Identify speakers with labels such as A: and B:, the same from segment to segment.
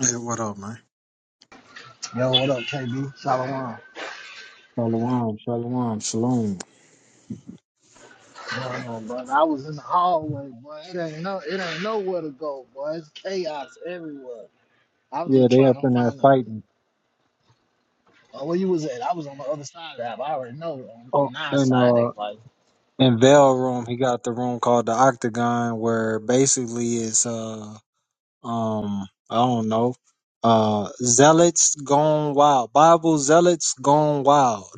A: Hey, what up, man?
B: Yo, what up, KB? Shalom.
A: Shalom, shalom, shalom.
B: Going on, brother? I was in the hallway, boy. It ain't no, it ain't nowhere to go, boy. It's chaos everywhere. I was
A: Yeah,
B: just
A: they
B: trying
A: up
B: to
A: in there
B: find a.
A: fighting.
B: Oh, where you was at? I was on the other side of the app. I already know on,
A: Oh,
B: on our
A: and
B: side they
A: uh,
B: fight.
A: in Vale Room, he got the room called the Octagon, where basically it's uh, um, I don't know, uh, zealots gone wild, Bible zealots gone wild.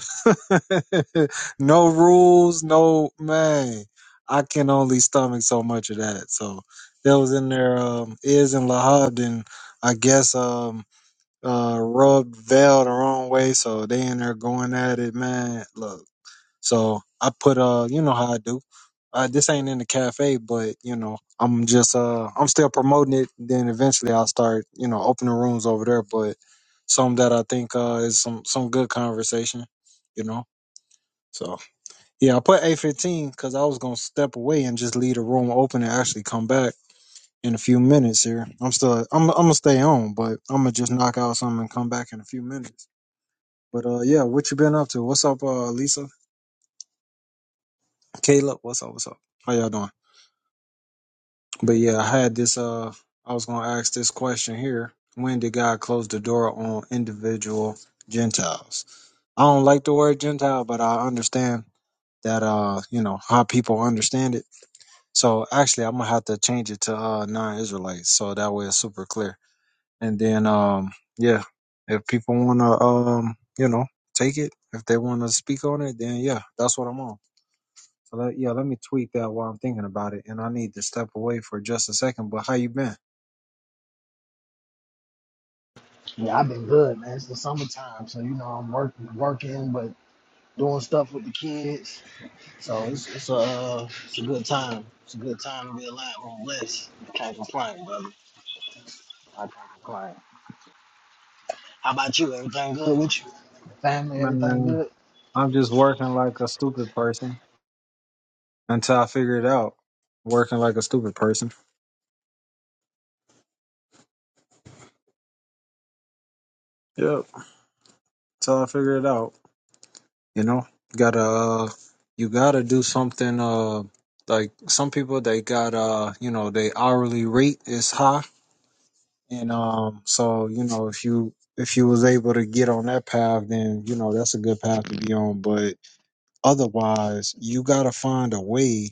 A: no rules, no man. I can only stomach so much of that. So that was in there. Um, is in Lahabd, and I guess um. uh rubbed veil the wrong way, so they in there going at it, man. Look, so I put uh, you know how I do. Uh, this ain't in the cafe, but you know I'm just uh I'm still promoting it. Then eventually I'll start you know opening rooms over there, but some that I think uh is some some good conversation, you know. So yeah, I put eight fifteen because I was gonna step away and just leave the room open and actually come back in a few minutes here. I'm still I'm I'm gonna stay on, but I'm gonna just knock out something and come back in a few minutes. But uh, yeah, what you been up to? What's up, uh, Lisa? Caleb, what's up? What's up? How y'all doing? But yeah, I had this. Uh, I was gonna ask this question here. When did God close the door on individual Gentiles? I don't like the word Gentile, but I understand that. Uh, you know how people understand it. So actually, I'm gonna have to change it to uh, non-Israelites, so that way it's super clear. And then, um, yeah, if people wanna, um, you know, take it, if they wanna speak on it, then yeah, that's what I'm on. So let, yeah, let me tweet that while I'm thinking about it, and I need to step away for just a second. But how you been,
B: Yeah, I've been good, man. It's the summertime, so you know I'm working, working, but doing stuff with the kids. So it's it's a uh, it's a good time. It's a good time to be alive. I'm blessed. can't complain, brother. I can't complain. How about you? Everything good with you? Family, everything
A: man?
B: good?
A: I'm just working like a stupid person until I figure it out. Working like a stupid person. Yep. Until I figure it out. You know, gotta uh, you gotta do something. Uh, like some people they got uh, you know, they hourly rate is high, and um, so you know if you if you was able to get on that path, then you know that's a good path to be on. But otherwise you gotta find a way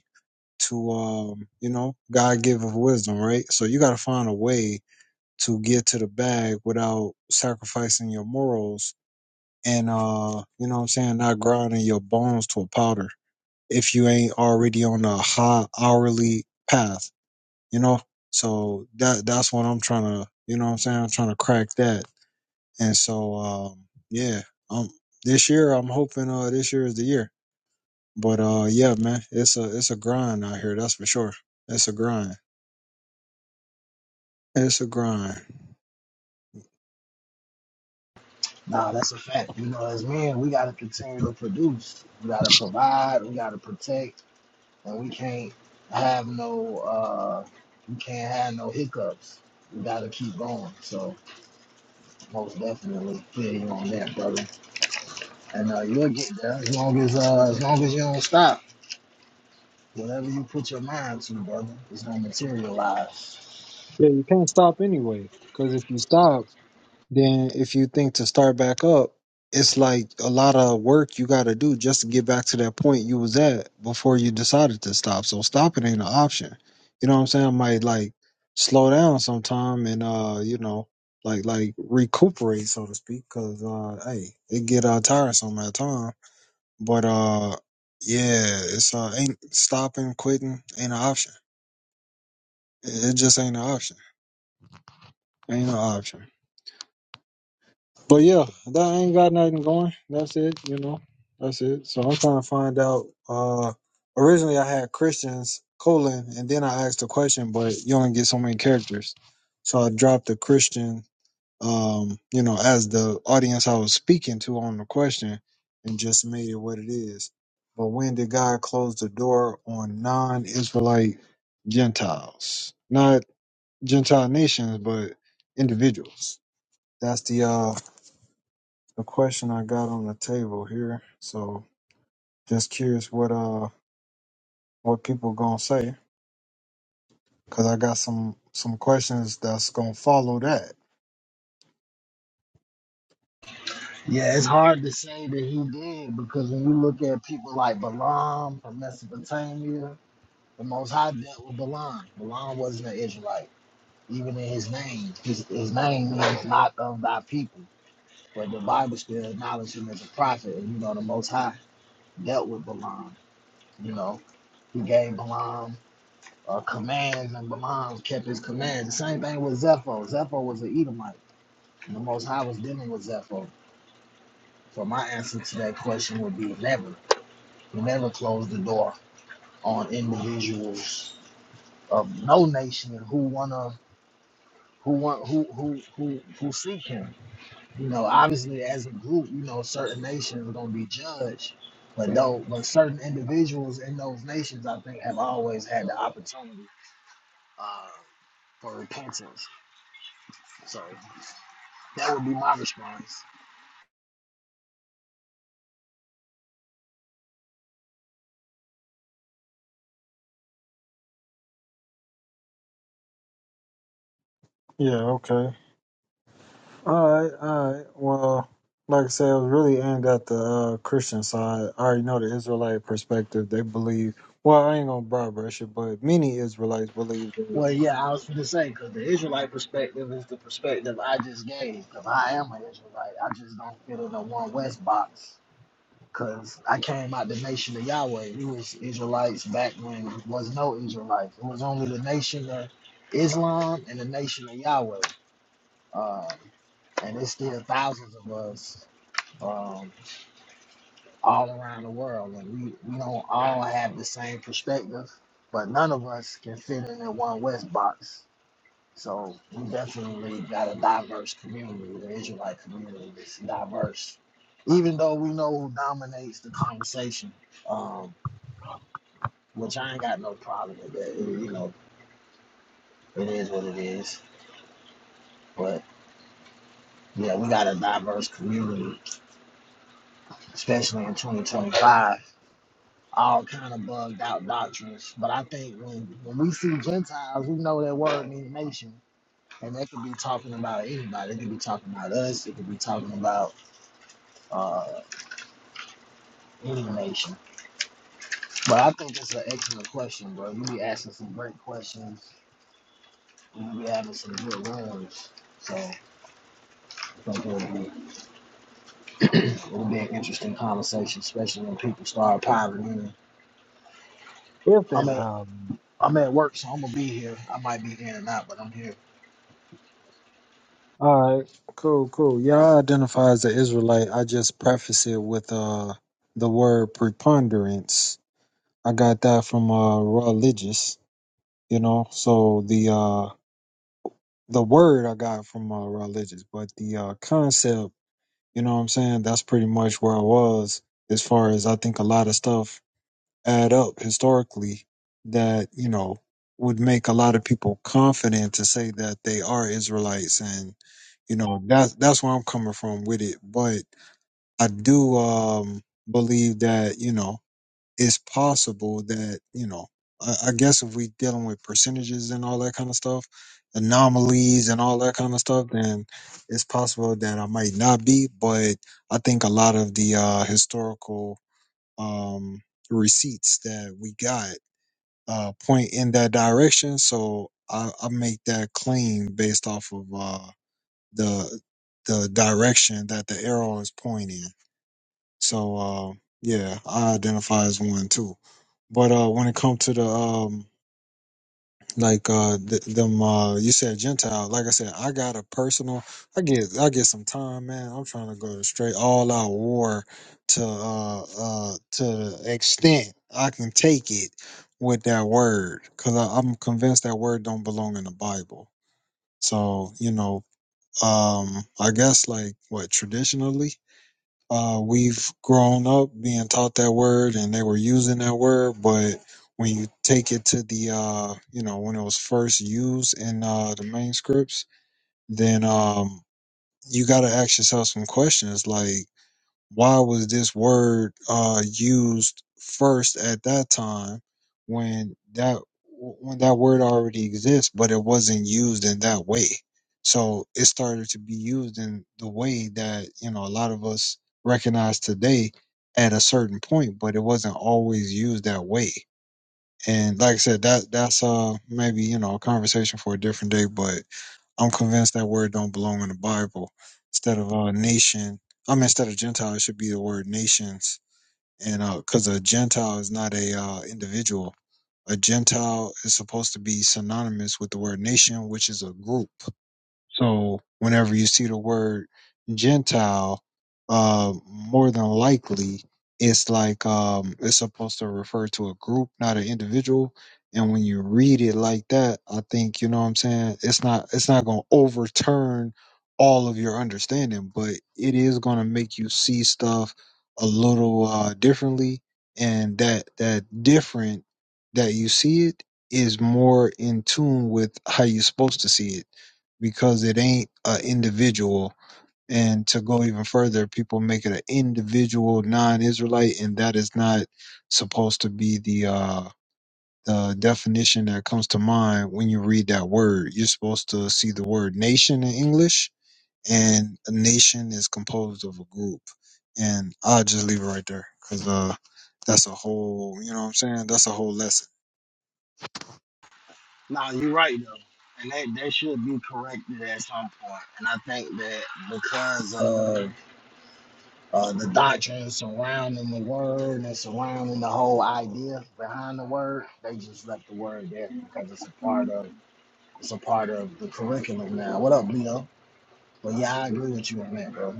A: to um you know god give of wisdom right so you gotta find a way to get to the bag without sacrificing your morals and uh you know what i'm saying not grinding your bones to a powder if you ain't already on a high hourly path you know so that that's what i'm trying to you know what i'm saying i'm trying to crack that and so um yeah um this year i'm hoping uh this year is the year but uh, yeah, man, it's a it's a grind out here. That's for sure. It's a grind. It's a grind.
B: Nah, that's a fact. You know, as men, we gotta continue to produce. We gotta provide. We gotta protect, and we can't have no. uh We can't have no hiccups. We gotta keep going. So most definitely, feel you on that, brother. And uh, you'll get there as long as uh, as long as you don't stop. Whatever you put your mind to, brother, it's gonna materialize.
A: Yeah, you can't stop anyway. Because if you stop, then if you think to start back up, it's like a lot of work you got to do just to get back to that point you was at before you decided to stop. So stopping ain't an option. You know what I'm saying? I might like slow down sometime and uh, you know, like like recuperate so to speak. Because uh, hey, it get uh, tiresome at time. But uh, yeah, it's uh, ain't stopping, quitting ain't an option. It, it just ain't an option. Ain't no option. But yeah, that ain't got nothing going. That's it. You know, that's it. So I'm trying to find out. Uh, originally I had Christians colon, and then I asked the question, but you only get so many characters, so I dropped the Christian um, you know, as the audience I was speaking to on the question and just made it what it is. But when did God close the door on non Israelite Gentiles? Not Gentile nations, but individuals. That's the uh the question I got on the table here. So just curious what uh what people gonna say. Cause I got some some questions that's gonna follow that.
B: Yeah, it's hard to say that he did because when you look at people like Balaam from Mesopotamia, The Most High dealt with Balaam. Balaam wasn't an Israelite, even in his name. His, his name means not of thy people, but the Bible still acknowledges him as a prophet. And you know, the Most High dealt with Balaam. You know, he gave Balaam uh, commands, and Balaam kept his commands. The same thing with Zepho. Zepho was an Edomite, and the Most High was dealing with Zepho. So my answer to that question would be never. He never close the door on individuals of no nation who wanna who want who who who who seek him. You know, obviously as a group, you know, certain nations are gonna be judged. But though but certain individuals in those nations I think have always had the opportunity uh, for repentance. So that would be my response.
A: Yeah, okay. All right, all right. Well, like I said, it was really aimed at the uh, Christian side. I already know the Israelite perspective. They believe, well, I ain't gonna broad brush it, but many Israelites believe that
B: Well, yeah, I was going to say because the Israelite perspective is the perspective I just gave. Because I am an Israelite, I just don't fit in a one West box. Cause I came out the nation of Yahweh. It was Israelites back when it was no Israelites. It was only the nation of Islam and the nation of Yahweh. Um, and it's still thousands of us um, all around the world, and we we don't all have the same perspective, but none of us can fit in in one West box. So we definitely got a diverse community. The Israelite community is diverse, even though we know who dominates the conversation. um, which I ain't got no problem with that. It- you know, it is what it is. But yeah, we got a diverse community, especially in 2025. All kind of bugged out doctrines. But I think when when we see Gentiles, we know that word means nation, and that could be talking about anybody. It could be talking about us. It could be talking about uh, any nation. But I think it's an excellent question, bro. You be asking some great questions. You be having some good rooms. So, thank you. It'll be an interesting conversation, especially when people start piling in.
A: if they
B: I'm at
A: power.
B: I'm at work, so I'm gonna be here. I might be in and out, but I'm here.
A: All right, cool, cool. Y'all identify as an Israelite. I just preface it with uh the word preponderance. I got that from uh religious, you know. So the uh the word I got from uh religious, but the uh concept. You know what I'm saying? That's pretty much where I was as far as I think a lot of stuff add up historically that, you know, would make a lot of people confident to say that they are Israelites and you know, that's that's where I'm coming from with it. But I do um believe that, you know, it's possible that you know I, I guess if we dealing with percentages and all that kind of stuff anomalies and all that kind of stuff then it's possible that i might not be but i think a lot of the uh historical um receipts that we got uh point in that direction so i, I make that claim based off of uh the the direction that the arrow is pointing so uh, yeah, I identify as one too. But uh, when it comes to the um, like uh, th- them, uh, you said Gentile. Like I said, I got a personal. I get I get some time, man. I'm trying to go straight all out war to uh, uh, to the extent I can take it with that word, because I'm convinced that word don't belong in the Bible. So you know, um, I guess like what traditionally uh, we've grown up being taught that word and they were using that word, but when you take it to the, uh, you know, when it was first used in uh, the manuscripts, then um, you got to ask yourself some questions like, why was this word uh, used first at that time when that when that word already exists, but it wasn't used in that way. So it started to be used in the way that you know a lot of us recognize today at a certain point, but it wasn't always used that way. And like I said, that that's uh maybe you know a conversation for a different day, but I'm convinced that word don't belong in the Bible. Instead of uh, nation, I mean, instead of Gentile, it should be the word nations. And because a Gentile is not a uh, individual, a Gentile is supposed to be synonymous with the word nation, which is a group. So whenever you see the word Gentile, uh, more than likely it's like um, it's supposed to refer to a group, not an individual. And when you read it like that, I think you know what I'm saying. It's not it's not going to overturn all of your understanding, but it is going to make you see stuff a little uh, differently. And that that different that you see it is more in tune with how you're supposed to see it because it ain't an individual. And to go even further, people make it an individual non-Israelite, and that is not supposed to be the uh, the definition that comes to mind when you read that word. You're supposed to see the word nation in English, and a nation is composed of a group. And I'll just leave it right there because uh, that's a whole, you know what I'm saying? That's a whole lesson.
B: Nah, you're right though, and that that should be corrected at some point. And I think that because of uh, the doctrine surrounding the word and surrounding the whole idea behind the word, they just left the word there because it's a part of it's a part of the curriculum now. What up, Leo? But yeah, I agree with you on that, bro.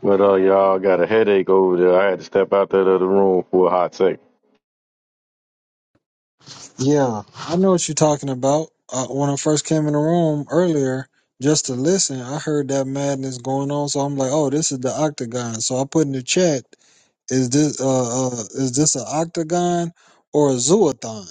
C: But uh, y'all got a headache over there. I had to step out that other room for a hot sec.
A: Yeah, I know what you're talking about. Uh, when I first came in the room earlier, just to listen, I heard that madness going on. So I'm like, oh, this is the octagon. So I put in the chat, is this uh, uh is this an octagon or a zoothon?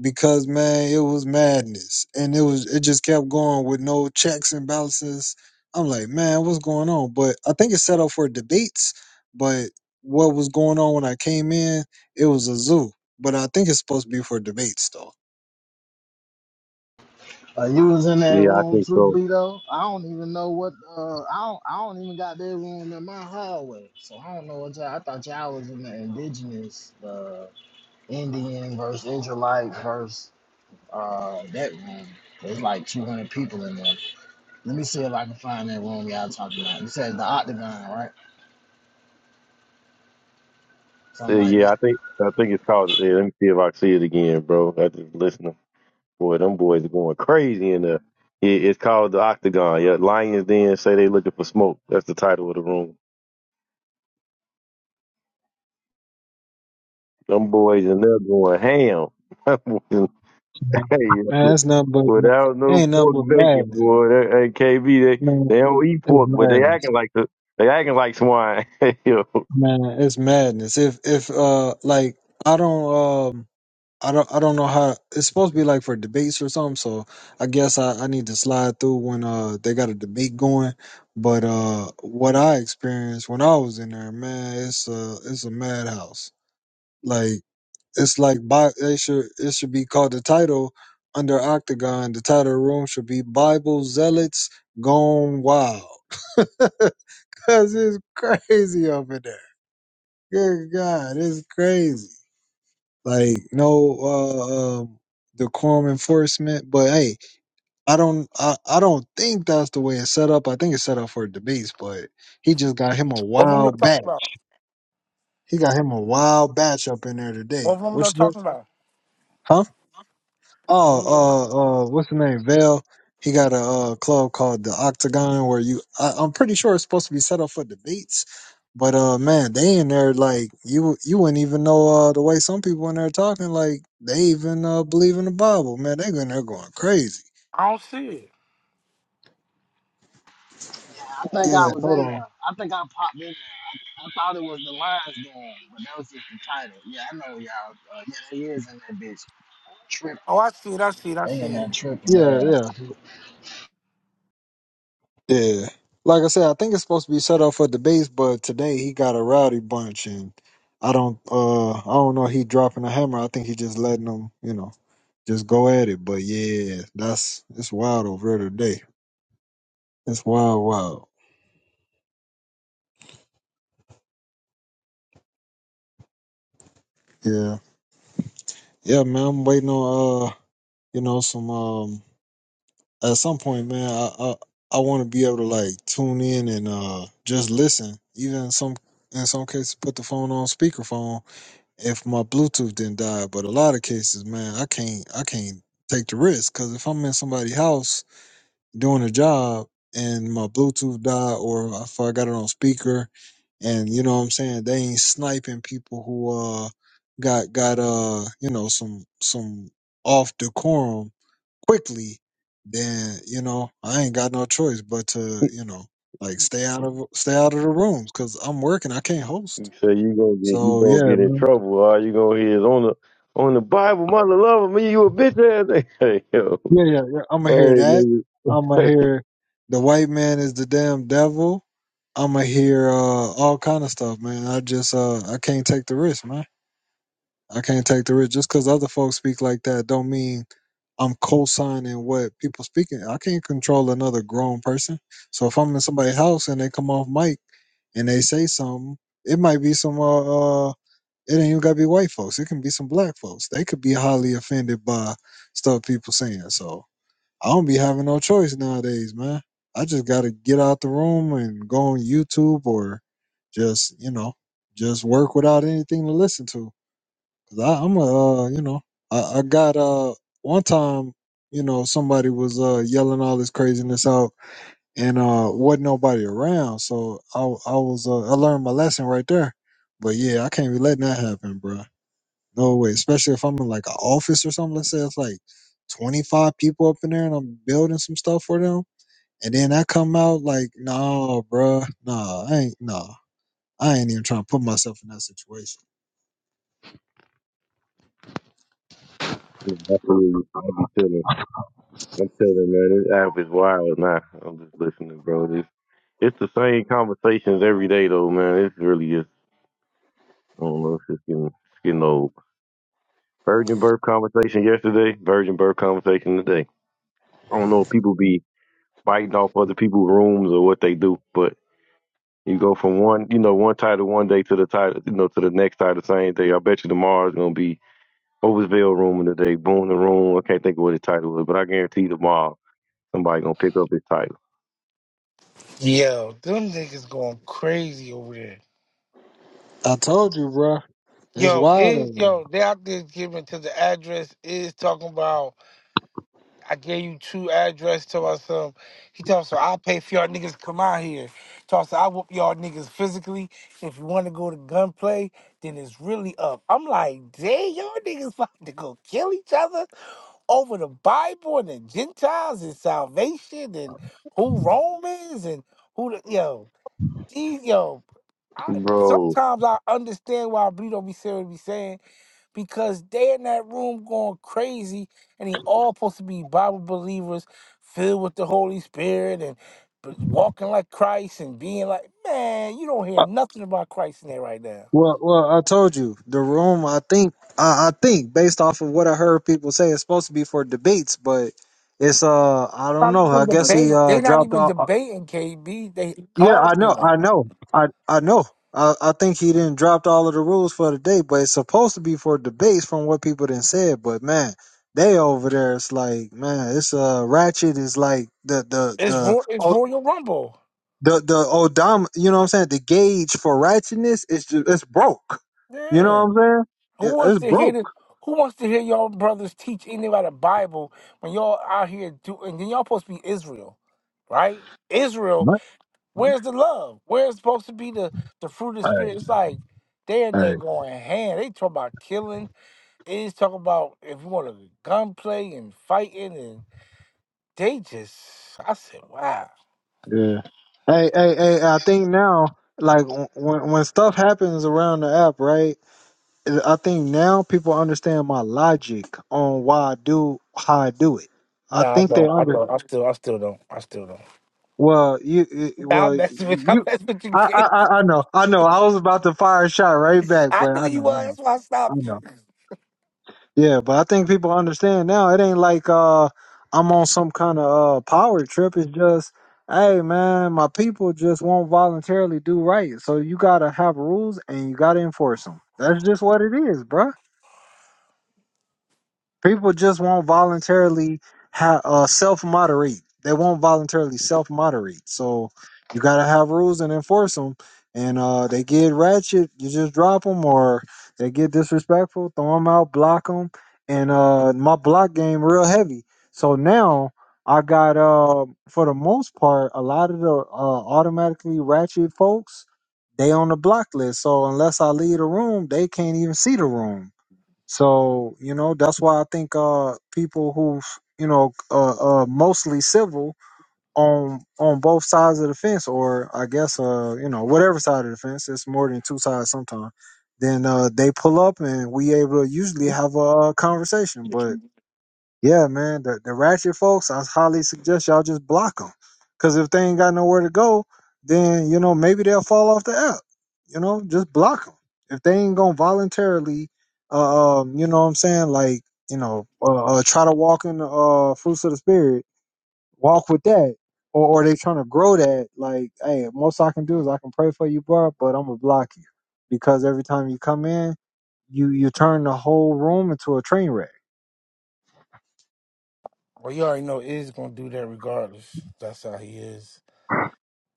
A: Because man, it was madness, and it was it just kept going with no checks and balances. I'm like, man, what's going on? But I think it's set up for debates. But what was going on when I came in? It was a zoo, but I think it's supposed to be for debates though.
B: Uh, you was in that
C: Yeah, I
B: room
C: think
B: too,
C: so.
B: Bleedo. I don't even know what. Uh, I don't. I don't even got that room in my hallway, so I don't know what y'all. I thought y'all was in the indigenous, uh, Indian versus Israelite versus uh that room. There's like 200 people in there. Let me see if I can find that room y'all talking about. You said the Octagon, right?
C: Uh,
B: Something like
C: yeah,
B: that.
C: I think I think it's called. Yeah, let me see if I can see it again, bro. I just listening. Boy, them boys are going crazy in there. It, it's called the Octagon. Yeah, Lions Den say they looking for smoke. That's the title of the room. Them boys in there going ham. Them boys in-
A: Man,
C: hey,
A: that's nothing but ma-
C: without no
A: ain't nothing
C: pork
A: but
C: bacon,
A: madness.
C: boy. That, hey, KB, they
A: Man,
C: they don't eat
A: it's
C: pork, but they
A: madness.
C: acting like the they acting like swine. yo.
A: Man, it's madness. If if uh like I don't um I don't I don't know how it's supposed to be like for debates or something, so I guess I, I need to slide through when uh they got a debate going. But uh what I experienced when I was in there, man, it's uh it's a madhouse. Like. It's like Bi- it should it should be called the title under Octagon. The title of the room should be Bible Zealots Gone Wild. Cause it's crazy up in there. Good God, it's crazy. Like no uh um decorum enforcement. But hey, I don't I, I don't think that's the way it's set up. I think it's set up for debates, but he just got him a
D: What room y'all
A: wild
D: talking
A: batch.
D: about?
A: He got him a wild batch up in there today.
D: What room
A: Which
D: y'all talking about?
A: huh?
D: What room y'all talking
A: Oh, uh, uh, what's the name? Vail. He got a uh, club called the Octagon where you. I, I'm pretty sure it's supposed to be set up for debates, but uh, man, they in there like you. You wouldn't even know uh the way some people in there talking like they even uh believe in the Bible. Man, they in there going crazy.
D: I don't see it.
B: Yeah, I think I
A: Yeah,
B: was
A: hold
B: in
A: on.
B: there. I think I popped in there. I thought it was the Lions game, but that was just the title. Yeah, I know y'all. Uh, yeah, they is in that bitch.
D: Oh, I see it. I see it. I
B: They in
D: see
B: that
D: it.
B: tripping,
A: Yeah,
B: yeah.
A: yeah. Yeah. Like I said, I think it's supposed to be set up for debates, but today he got a rowdy bunch and I don't uh I don't know if he dropping a hammer. I think he just letting them, you know, just go at it. But yeah, that's it's wild over there today. It's wild, wild. Yeah. Yeah, man, I'm waiting on uh, you know, some um at some point, man, I I, I wanna be able to like tune in and uh just listen. Even some in some cases put the phone on speakerphone if my Bluetooth didn't die. But a lot of cases, man, I can't I can't take the risk because if I'm in somebody's house doing a job and my Bluetooth died, or if I got it on speaker, and you know what I'm saying, they ain't sniping people who uh got got uh you know some some off decorum quickly, then you know I ain't got no choice but to you know like stay out of stay out of the rooms because I'm working. I can't host.
C: You say you gonna get you
A: So
C: gonna
A: yeah,
C: get in
A: man.
C: trouble. All you gonna hear is on the on the Bible, mother love me, you a bitch ass. Nigga." Hey, yo.
A: Yeah, yeah, yeah. I'm gonna hear
C: hey
A: that.
C: nigga.
A: I'm gonna hear the white man is the damn devil. I'm gonna hear uh, all kind of stuff, man. I just uh, I can't take the risk, man. I can't take the risk just because other folks speak like that. Don't mean I'm co-signing what people speaking. I can't control another grown person. So if I'm in somebody's house and they come off mic and they say something, it might be some uh, uh it ain't even gotta be white folks. It can be some black folks. They could be highly offended by stuff people saying. So I don't be having no choice nowadays, man. I just gotta get out the room and go on YouTube or just, you know, just work without anything to listen to. Cause I, I'm a, uh, you know, I, I got uh one time, you know, somebody was uh yelling all this craziness out and uh wasn't nobody around, so I I was uh, I learned my lesson right there. But yeah, I can't be letting that happen, bro. No way. Especially if I'm in like an office or something. Let's say it's like 25 people up in there and I'm building some stuff for them. And then I come out like, no, bruh, nah, I ain't, nah. I ain't even trying to put myself in that situation.
C: I feel you. I be telling, I'm telling man, this app is wild now. I'm just listening, bro. This it's the same conversations every day though, man. It's really just I don't know, it's just getting it's getting old. Virgin birth conversation yesterday, virgin birth conversation today. I don't know if people be biting off other people's rooms or what they do, but. You go from one, you know, one title one day to the title, you know, to the next title same day. I bet you tomorrow's gonna be Oversville Room of the day, Boom the Room. I can't think of what his title was, but I guarantee tomorrow somebody gonna pick up his title,
D: Yo, them niggas going crazy over there.
A: I told you, bruh. It's
D: Yo,
A: wild
D: is
A: over there.
D: yo, they out there giving to the address is talking about I gave you two address to us um he talks about "So I'll pay for y'all niggas to come out here. Talks about I whoop y'all niggas physically. If you wanna go to gunplay, then it's really up. I'm like, dang, y'all niggas about to go kill each other. over the Bible and the Gentiles and salvation and who Romans and who the, yo these yo. I,
C: bro.
D: sometimes I understand why Bleed don't be serious be saying because they in that room going crazy and they all supposed to be Bible believers filled with the Holy Spirit and b- walking like Christ and being like man you don't hear
A: Uh,
D: nothing about Christ in there right now.
A: Well, well, I told you the room. I think, I, I think, based off of what I heard people say, it's supposed to be for debates, but it's uh, I don't
D: Not
A: know. I
D: even
A: guess he
D: debating.
A: uh
D: They not
A: dropped
D: even
A: off.
D: debating KB. They
A: Yeah, I know,
D: arguing.
A: I know, I I know. I, I think he didn't dropped all of the rules for the day, but it's supposed to be for debates from what people did said. But man, they over there, it's like man, it's uh ratchet is like the the
D: It's
A: the
D: Ro- it's
A: oh,
D: Royal Rumble.
A: the the odom. You know what I'm saying? The gauge for ratchetness is just it's broke. You know what
D: Man,
A: I'm
D: who
A: saying? It,
D: wants
A: it's
D: to hear
A: broke.
D: the, Who wants to hear y'all brothers teach anything about the Bible when y'all out here do? And then y'all supposed to be Israel, right? Israel,
A: What?
D: where's the love? Where's supposed to be the the fruit of the
A: Hey,
D: spirit? It's like they in there
A: hey,
D: going hand. They talk about killing. They just talk about if you want to gunplay and fighting, and they just. I said, wow.
A: Yeah. Hey, hey, hey, I think now, like w- when when stuff happens around the app, right? I think now people understand my logic on why I do how I do it. I
D: No, I
A: think they
D: don't. I
A: under
D: don't. I still. I still don't. I still don't.
A: well you you-
D: Nah,
A: well
D: I'm messing with. I'm
A: you
D: messing with you,
A: I, I
D: kid.
A: I I know I know I was about to fire a shot right back,
D: I
A: but
D: knew
A: I know
D: you
A: I
D: was.
A: know
D: That's why I
A: I
D: stopped
A: know
D: you.
A: yeah, but I think people understand now. It ain't like uh I'm on some kind of uh power trip. It's just hey man, my people just won't voluntarily do right, so you gotta have rules and you gotta enforce them. That's just what it is, bruh. People just won't voluntarily ha uh, self moderate. They won't voluntarily self moderate. So you gotta have rules and enforce them. And uh, they get ratchet, you just drop them, or they get disrespectful, throw them out, block them. And uh, my block game real heavy. So now I got uh, for the most part, a lot of the uh, automatically ratchet folks, they on the block list. So unless I leave the room, they can't even see the room. So you know that's why I think uh people who you know uh, uh mostly civil on on both sides of the fence, or I guess uh you know whatever side of the fence, it's more than two sides sometimes. Then uh they pull up and we able to usually have a uh, conversation, but yeah, man. The the ratchet folks, I highly suggest y'all just block them. Cause if they ain't got nowhere to go, then you know maybe they'll fall off the app. You know, just block them. If they ain't gonna voluntarily, uh, um, you know what I'm saying, like you know, uh, uh try to walk in the uh, fruits of the spirit, walk with that, or or they trying to grow that. Like, hey, most I can do is I can pray for you, bro, but I'm gonna block you because every time you come in, you you turn the whole room into a train wreck
D: Well, you already know Iz gonna do that regardless. That's how he is.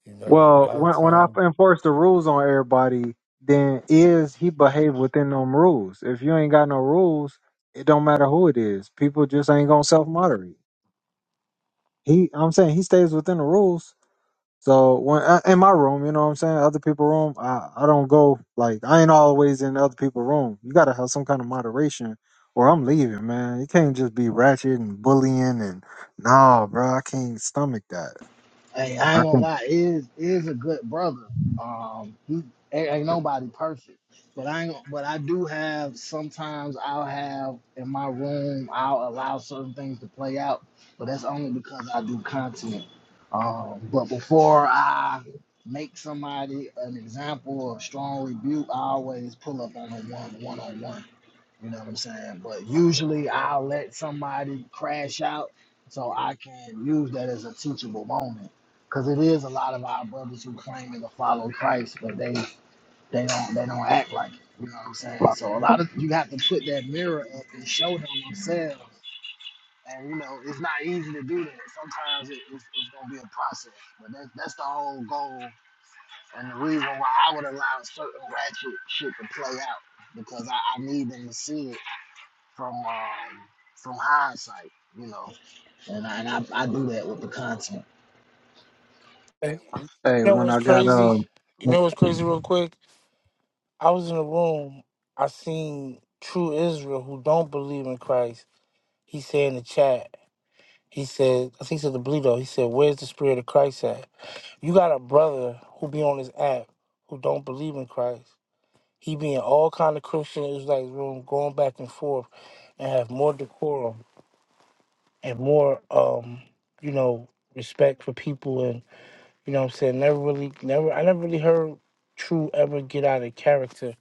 D: You know, a
A: Well,
D: lot of
A: when when I
D: time.
A: enforce the rules on everybody, then is he behave within them rules? If you ain't got no rules, it don't matter who it is. People just ain't gonna self moderate. He, I'm saying he stays within the rules. So when I, in my room, you know what I'm saying, other people room, I I don't go like I ain't always in other people room. You gotta have some kind of moderation, or I'm leaving, man. You can't just be ratchet and bullying and nah, bro, I can't stomach that.
B: Hey, I
A: I
B: ain't gonna
A: can.
B: lie, is is a good brother. Um, he ain't, ain't nobody perfect, but I ain't, but I do have sometimes I'll have in my room I'll allow certain things to play out, but that's only because I do content. Um, but before I make somebody an example of strong rebuke, I always pull up on a one one on one. You know what I'm saying? But usually I'll let somebody crash out so I can use that as a teachable moment. Cause it is a lot of our brothers who claiming to follow Christ, but they they don't they don't act like it. You know what I'm saying? So a lot of you have to put that mirror up and show them themselves. And you know it's not easy to do that. Sometimes it, it's, it's gonna be a process, but that, that's the whole goal and the reason why I would allow certain ratchet shit to play out because I, I need them to see it from um, from hindsight, you know. And I, and I, I do that with the content.
D: And you
A: Hey,
D: know
A: when
D: what's
A: I got
D: crazy?
A: um.
D: You know what's crazy? Real quick, I was in a room. I seen true Israel who don't believe in Christ. He said in the chat. He said, I think he said the Bleedo. He said, "Where's the spirit of Christ at?" You got a brother who be on this app who don't believe in Christ. He be in all kind of Christian Israelite room, going back and forth, and have more decorum. and more um you know respect for people and you know what i'm saying never really never i never really heard true ever get out of character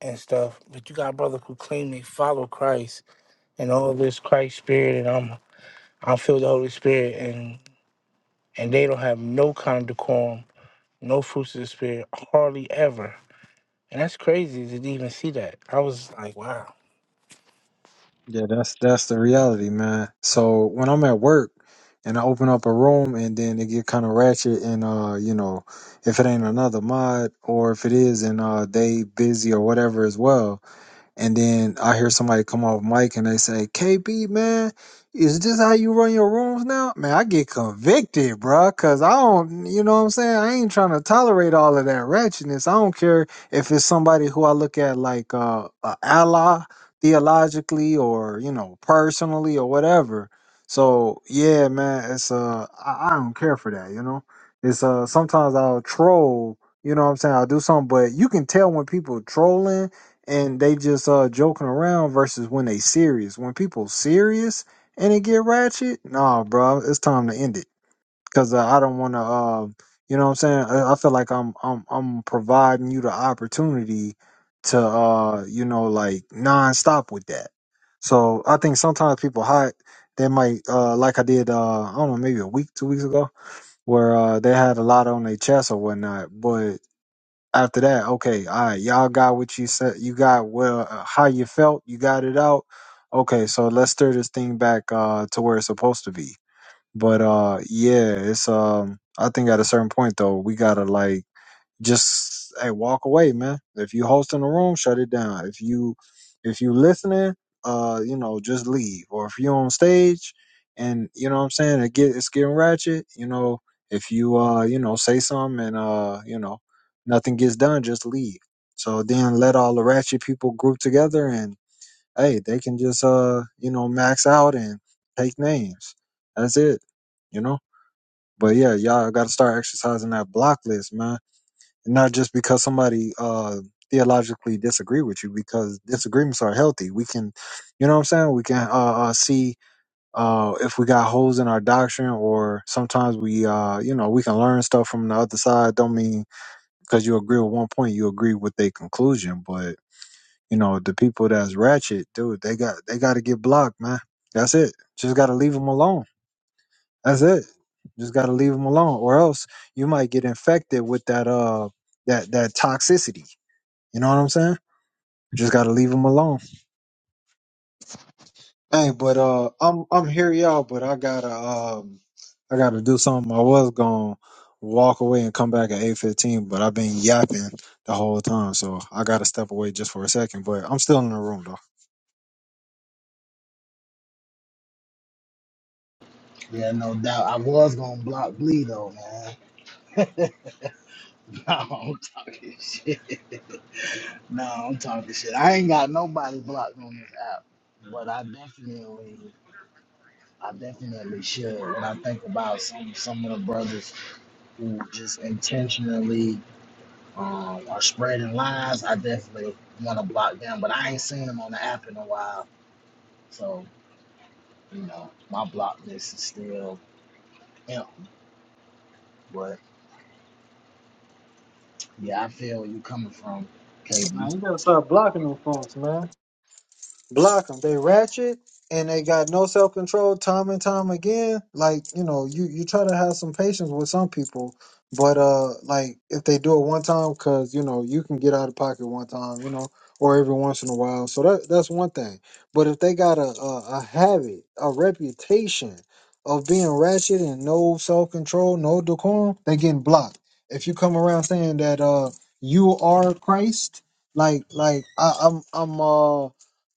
D: and stuff but you got brothers who claim they follow christ and all this christ spirit and i'm i'm filled with the holy spirit and and they don't have no kind of decorum no fruits of the spirit hardly ever and that's crazy to even see that i was like wow
A: Yeah, that's that's the reality, man. So when I'm at work and I open up a room and then it get kind of ratchet and uh, you know, if it ain't another mod or if it is and uh they busy or whatever as well, and then I hear somebody come off mic and they say, "KB, man, is this how you run your rooms now?" Man, I get convicted, bruh, cause I don't, you know what I'm saying? I ain't trying to tolerate all of that ratchetness. I don't care if it's somebody who I look at like uh, a ally theologically or you know personally or whatever. So yeah, man, it's uh, I, I don't care for that, you know. It's uh, sometimes I'll troll, you know what I'm saying? I'll do something, but you can tell when people trolling and they just uh joking around versus when they serious. When people serious and it get ratchet, nah, bro, it's time to end it because uh, I don't want to. Uh, you know what I'm saying? I, I feel like I'm I'm I'm providing you the opportunity to uh you know like non-stop with that. So I think sometimes people hide. They might uh like I did uh I don't know maybe a week two weeks ago where uh they had a lot on their chest or whatnot, but after that, okay, all right, y'all got what you said. You got well uh, how you felt. You got it out. Okay, so let's stir this thing back uh, to where it's supposed to be. But uh, yeah, it's um. I think at a certain point though, we gotta like just hey, walk away, man. If you hosting a room, shut it down. If you if you listening, uh, you know, just leave. Or if you on stage and you know what I'm saying, it get it's getting ratchet, you know, if you uh, you know, say something and uh, you know, nothing gets done, just leave. So then let all the ratchet people group together and hey, they can just uh, you know, max out and take names. That's it. You know? But yeah, y'all gotta start exercising that block list, man not just because somebody uh theologically disagree with you because disagreements are healthy we can you know what i'm saying we can uh, uh see uh if we got holes in our doctrine or sometimes we uh you know we can learn stuff from the other side don't mean because you agree with one point you agree with their conclusion but you know the people that's ratchet dude they got they got to get blocked man that's it just got to leave them alone that's it just got to leave them alone or else you might get infected with that uh that that toxicity you know what I'm saying? You just gotta leave them alone. Hey, but uh, I'm I'm here, y'all. But I gotta um, I gotta do something. I was gonna walk away and come back at eight fifteen, but I've been yapping the whole time, so I gotta step away just for a second. But I'm still in the room though.
B: Yeah, no doubt. I was gonna block Bleed though, man. no, I'm talking shit. No, I'm talking shit. I ain't got nobody blocked on this app, but I definitely, I definitely should. When I think about some some of the brothers who just intentionally um, are spreading lies, I definitely want to block them. But I ain't seen them on the app in a while, so You know, my block list is still hemp, but yeah, I feel where you coming from, KB.
A: Man, you gotta start blocking them folks, man. block them. They ratchet and they got no self control time and time again. Like you know, you you try to have some patience with some people, but uh, like if they do it one time, because you know you can get out of pocket one time, you know, or every once in a while. So that that's one thing. But if they got a a, a habit, a reputation of being ratchet and no self control, no decorum, they getting blocked. If you come around saying that uh you are Christ, like like I, I'm I'm uh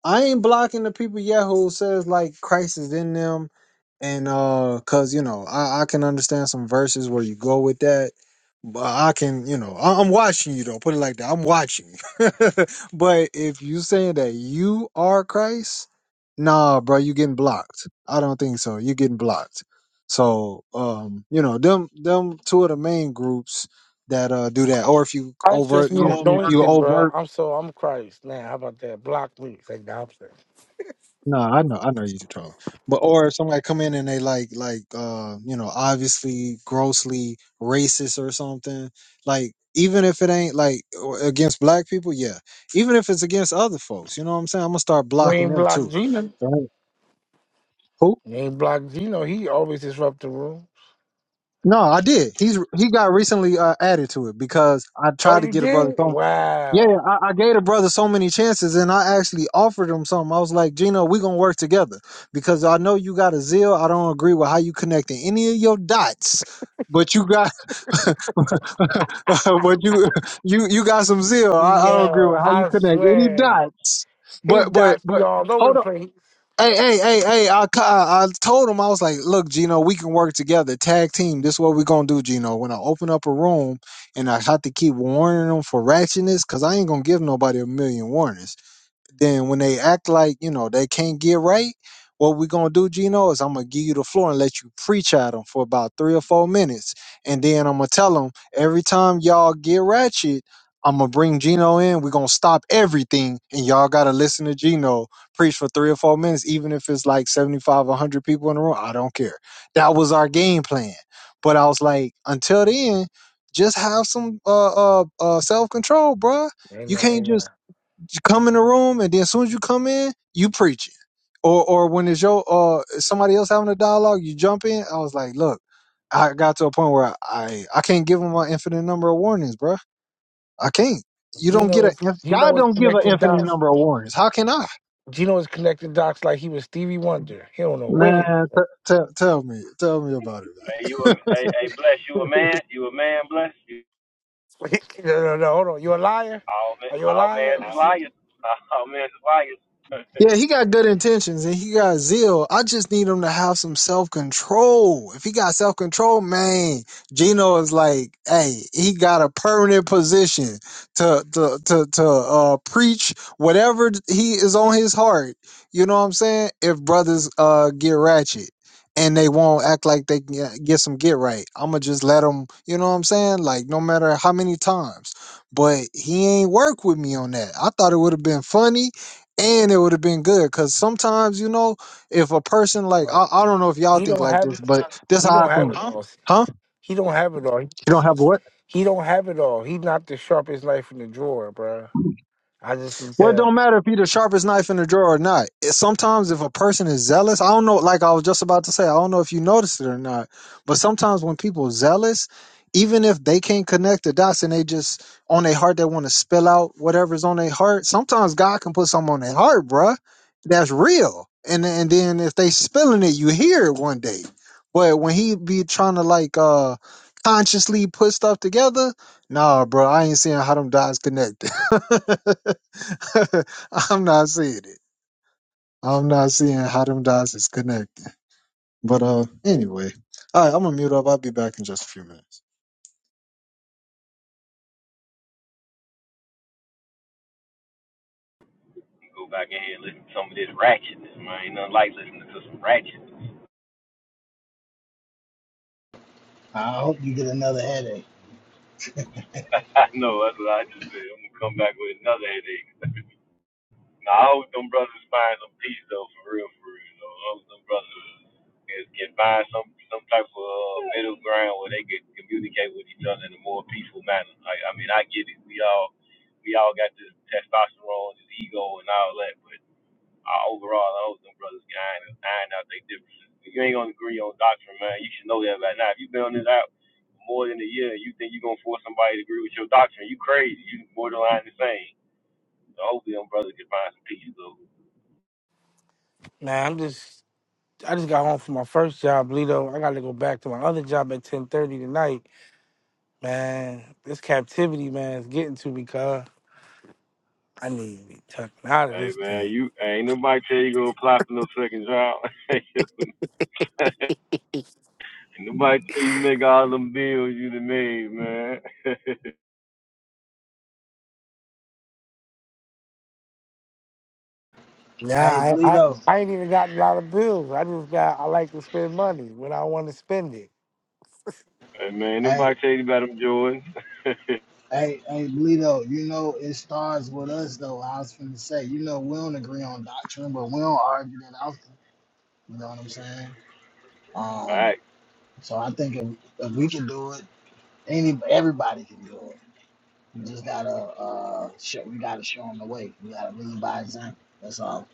A: I ain't blocking the people yet who says like Christ is in them, and uh, cause you know I, I can understand some verses where you go with that, but I can you know I, I'm watching you though. Put it like that, I'm watching you. but if you saying that you are Christ, nah, bro, you getting blocked. I don't think so. You getting blocked. So um, you know them them two of the main groups that uh do that, or if you
D: Christ just
A: overt
D: been Oh my!
A: you you, you
D: anointed, bro.
A: overtly
D: I'm so I'm Christ. Now, how about that? Block me. It's like the opposite.
A: No, I know, I know you can talk. But or if somebody come in and they like like uh, you know, obviously grossly racist or something, like even if it ain't like or against black people, yeah. Even if it's against other folks, you know what I'm saying? I'm gonna start blocking
D: Green
A: them
D: block
A: too.
D: Gina.
A: Right? Who?
D: They blocked Gino. He always disrupt the room.
A: No, I did. He's he got recently uh, added to it because I
D: Oh,
A: tried to
D: you
A: get a
D: did?
A: brother. Yeah,
D: Wow.
A: I, I gave the brother so many chances, and I actually offered him something. I was like, Gino, we gonna work together because I know you got a zeal. I don't agree with how you connecting any of your dots, but you got, but you you you got some zeal. I, I don't agree
D: Yeah,
A: with how you
D: I
A: connect any
D: swear.
A: dots,
D: His
A: but but
D: dots be
A: but.
D: all over
A: hold
D: the
A: on."
D: place.
A: Hey, hey, hey, hey! I, ca- I I told him I was like, "Look, Gino, we can work together, tag team. This is what we're gonna do, Gino. When I open up a room, and I have to keep warning them for ratchetness, cause I ain't gonna give nobody a million warnings then when they act like you know they can't get right what we're gonna do gino is i'm gonna give you the floor and let you preach at them for about three or four minutes and then i'm gonna tell them every time y'all get ratchet i'm gonna bring gino in we're gonna stop everything and y'all gotta listen to gino preach for three or four minutes even if it's like 75 100 people in the room i don't care that was our game plan but i was like until then just have some uh uh, uh self-control bruh
D: Ain't
A: you
D: no,
A: can't
D: ain't
A: just
D: no.
A: you come in the room, and then as soon as you come in, you preaching. Or or when it's your uh somebody else having a dialogue, you jump in. I was like, look, I got to a point where I I I can't give them an infinite number of warnings, bro. I can't. You don't
D: Gino
A: get a
D: was Gino
A: God
D: was
A: don't give an
D: connecting
A: infinite
D: dots.
A: number of warnings. How can I?
D: Gino was connecting dots like he was Stevie Wonder. He don't know what it.
A: Man, t- t- tell me, tell me about it. Man.
D: no, no, no. Hold on. You a liar? Are you a liar? What's it-
A: Yeah, he got good intentions and he got zeal. I just need him to have some self control. If he got self control, man, Gino is like, hey, he got a permanent position to to to to uh, preach whatever he is on his heart. You know what I'm saying? If brothers uh get ratchet and they won't act like they can get get some get right, I'ma just let them. You know what I'm saying? Like no matter how many times. But he ain't work with me on that. I thought it would have been funny and it would have been good because sometimes you know if a person like
D: what?
A: I, I don't know if y'all
D: He
A: think
D: don't
A: like
D: have
A: this
D: it.
A: but this is
D: He
A: how i
D: don't have
A: think
D: it Huh? all.
A: huh
D: He don't have it all.
A: you don't have a what
D: He don't have it all. He not the sharpest knife in the drawer, bruh. I just can
A: Well, it
D: tell.
A: don't matter if you the sharpest knife in the drawer or not. It- sometimes if a person is zealous, I don't know. Like I was just about to say, I don't know if you noticed it or not, but sometimes when people are zealous, even if they can't connect the dots and they just on their heart, they want to spill out whatever's on their heart. Sometimes God can put something on their heart, bruh. That's real. And and then if they spilling it, you hear it one day. But when he be trying to like uh consciously put stuff together, nah, bro, I ain't seeing how them dots connect. I'm not seeing it. I'm not seeing how them dots is connecting. But uh, anyway, all right, I'm gonna mute up. I'll be back in just a few minutes.
B: I hope you get another headache.
D: Man, I'm just. I just got home from my first job, Lito. I got to go back to my other job at ten thirty tonight. Man, this captivity, man, is getting to me, cuz. I need to be tucking out of this thing. Nah,
B: Hey,
D: I, I,
B: Lito.
D: I ain't even got a lot of bills. I just got, I like to spend money when I want to spend it.
B: Hey, hey, hey, Lito. You know it starts with us, though. I was finna say, you know, we don't agree on doctrine, but we don't argue that often. You know what I'm saying? Um, so I think if, if we can do it, any everybody can do it. You just gotta uh, show, we gotta show them the way. We gotta lead by example. That's all.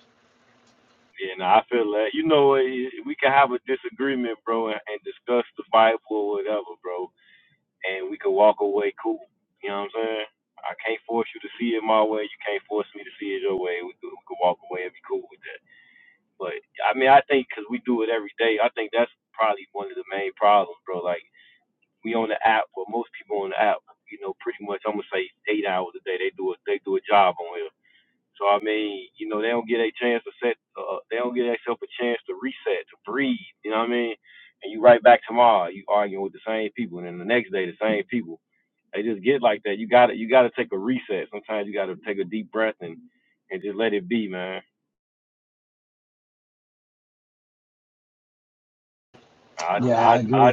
B: Yeah, I agree.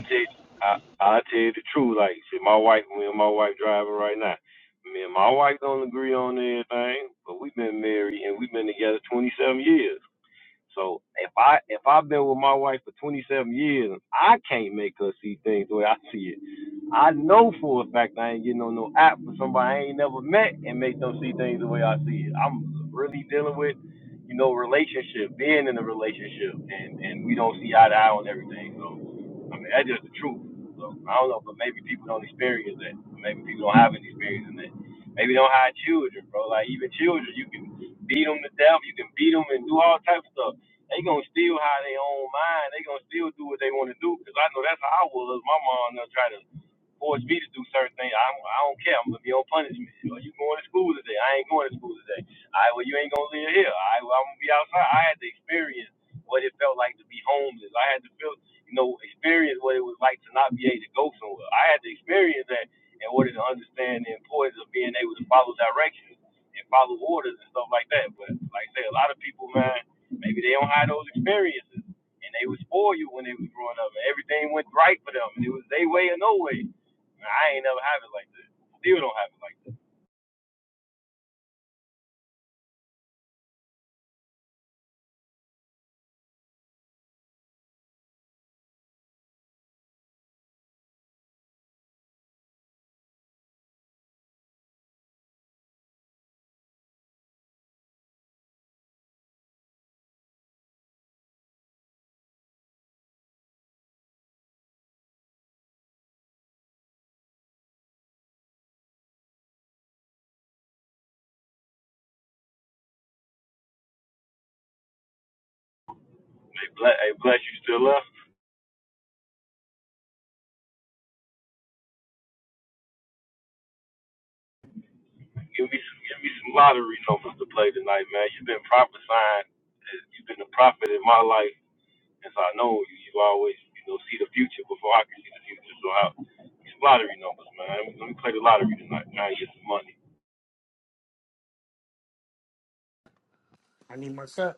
D: I need my cut.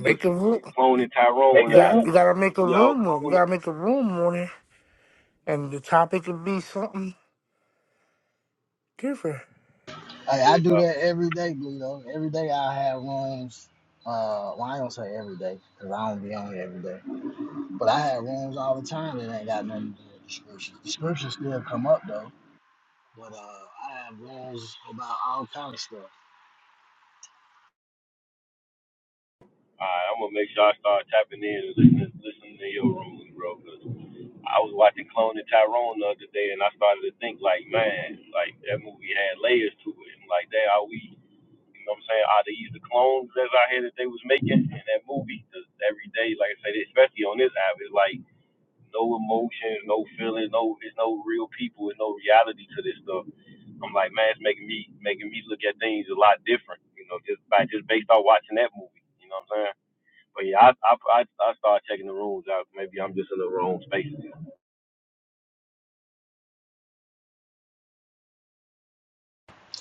D: Make a room. You got, you gotta make a room on. You gotta make a room on it, and the topic could be something different.
B: Hey, I do that every day, Bleedo. Every day I have rooms. Uh, well, I don't say every day because I don't be on here every day. But I have rooms all the time that ain't got nothing to do with the scriptures. The scriptures still come up though. But uh, I have rooms about all kind of stuff.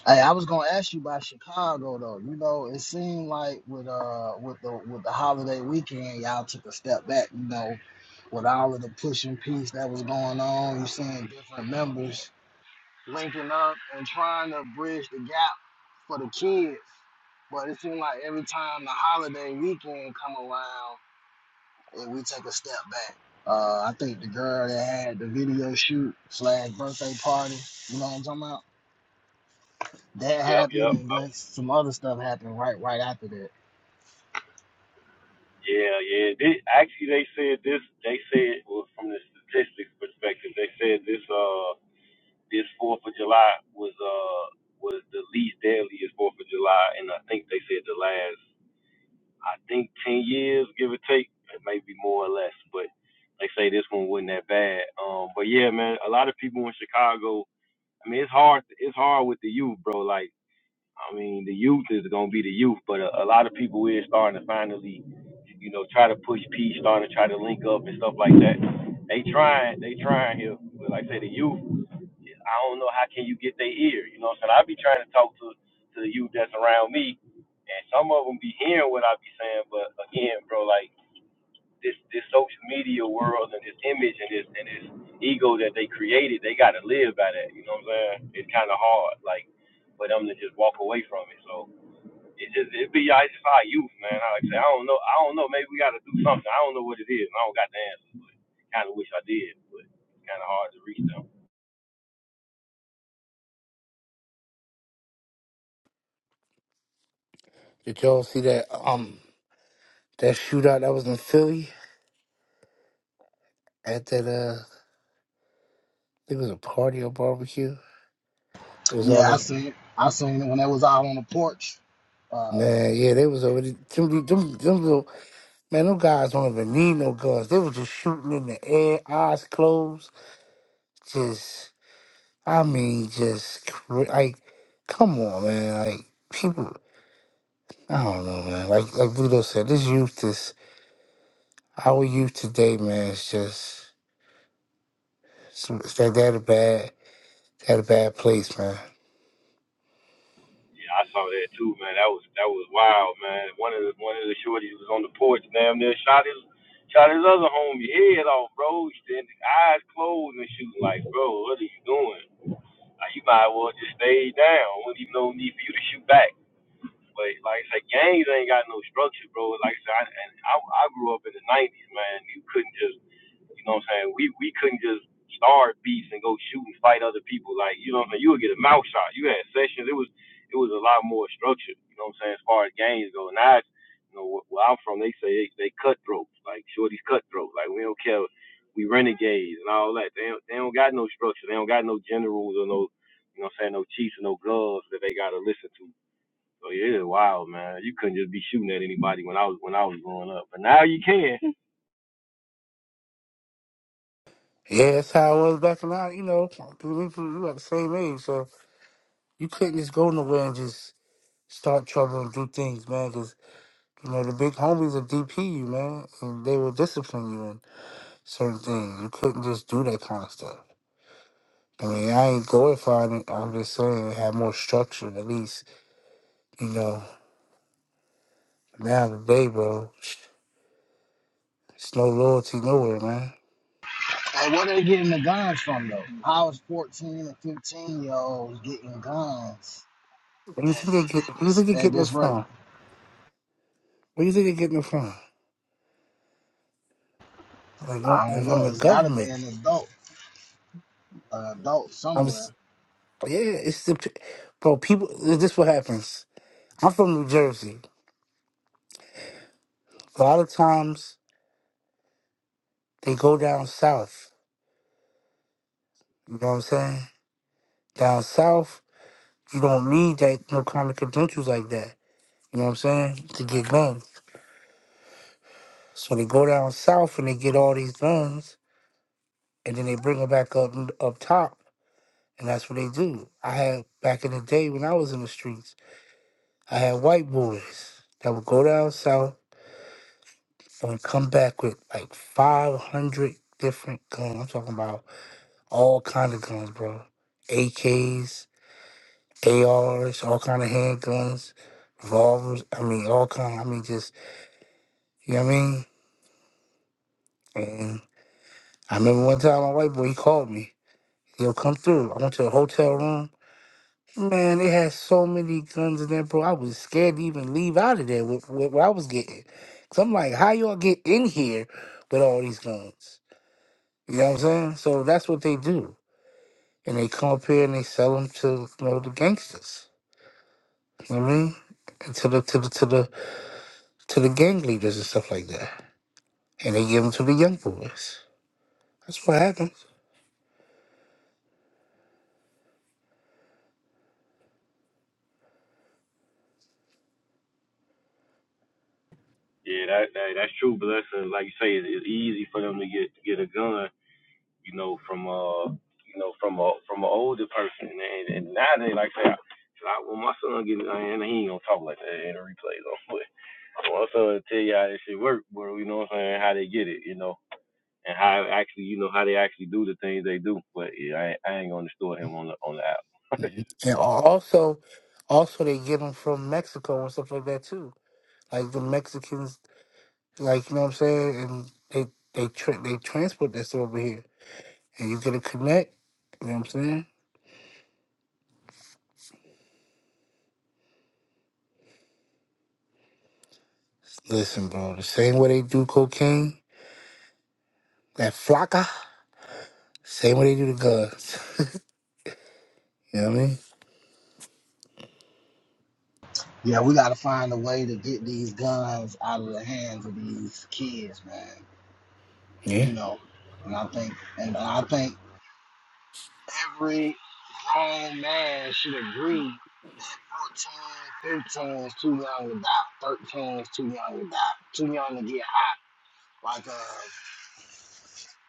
B: Hey, I was gonna ask you about Chicago though. You know, it seemed like with uh with the with the holiday weekend, y'all took a step back. You know, with all of the push and peace that was going on, you seeing different members linking up and trying to bridge the gap for the kids. But it seems like every time the holiday weekend come around, and we take a step back. Uh, I think the girl that had the video shoot slash birthday party, you know what I'm talking about? That happened, and then some other stuff happened right right after that.
D: Did y'all see that um that shootout that was in Philly at that uh think it was a party or barbecue. It was
B: Yeah, I
D: over.
B: seen it. I seen it when they was out on the porch. Uh,
D: Man, yeah, they was already them, them, them little, man. Them guys don't even need no guns. They were just shooting in the air, eyes closed. Just, I mean, just cra- like, come on, man. Like people, I don't know, man. Like like Ludo said, this youth is our youth today, man. It's just it's, it's that that a bad that a bad place, man. Yeah, that's how it was back in our, you know, we we- we about the same age, so You couldn't just go nowhere and just start trouble and do things, man, because, you know, the big homies will DP you, man, and they will discipline you in certain things. You couldn't just do that kind of stuff. I mean, I ain't glorifying it. I'm just saying it had more structure, at least, you know. Now today, bro, it's no loyalty nowhere, man.
B: and where they getting the guns from though? How is 14 and 15 year olds getting guns
D: What do you
B: at, at,
D: think they get? What
B: at
D: do you
B: this
D: think they
B: at
D: getting it
B: this rate?
D: from? What do you think they getting it from? Like don't-
B: I
D: they're
B: don't
D: from
B: know.
D: the
B: It's got to be
D: government.
B: an adult, an adult
D: I'm
B: somewhere.
D: s- yeah. It's the p- bro. People. This is what happens. I'm from New Jersey. a lot of times they go down south. You know what I'm saying? Down south, you don't need that no kind of credentials like that. You know what I'm saying? To get guns. So they go down south and they get all these guns, and then they bring them back up up top, and that's what they do. I had back in the day when I was in the streets, I had white boys that would go down south and come back with like 500 different guns. I'm talking about all kind of guns, bro. AKs, A R's, all kind of handguns, revolvers. I mean, all kind. I mean, just you know what I mean. And I remember one time my white boy he called me. He'll come through. I went to a hotel room. Man, they had so many guns in there, bro. I was scared to even leave out of there with, with what I was getting. Cause I'm like, how y'all get in here with all these guns? You know what I'm saying? So that's what they do, and they come up here and they sell them to you know the gangsters. You know what I mean? And To the to the to the to the gang leaders and stuff like that. and they give them to the young boys. That's what happens. Mhm. And also, also they get them from Mexico and stuff like that too. Like the Mexicans, like you know what I'm saying, and they they tra- they transport this over here, and you get a connect. You know what I'm saying? Listen, bro, the same way they do cocaine, that flaca, same way they do the guns. you know what I mean?
B: Yeah, we got to find a way to get these guns out of the hands of these kids, man.
D: Yeah.
B: You know, and I think, and I think every grown man should agree. 14, 15 is too young to die. 13 is too young to die. Too young to get hot. Like, uh,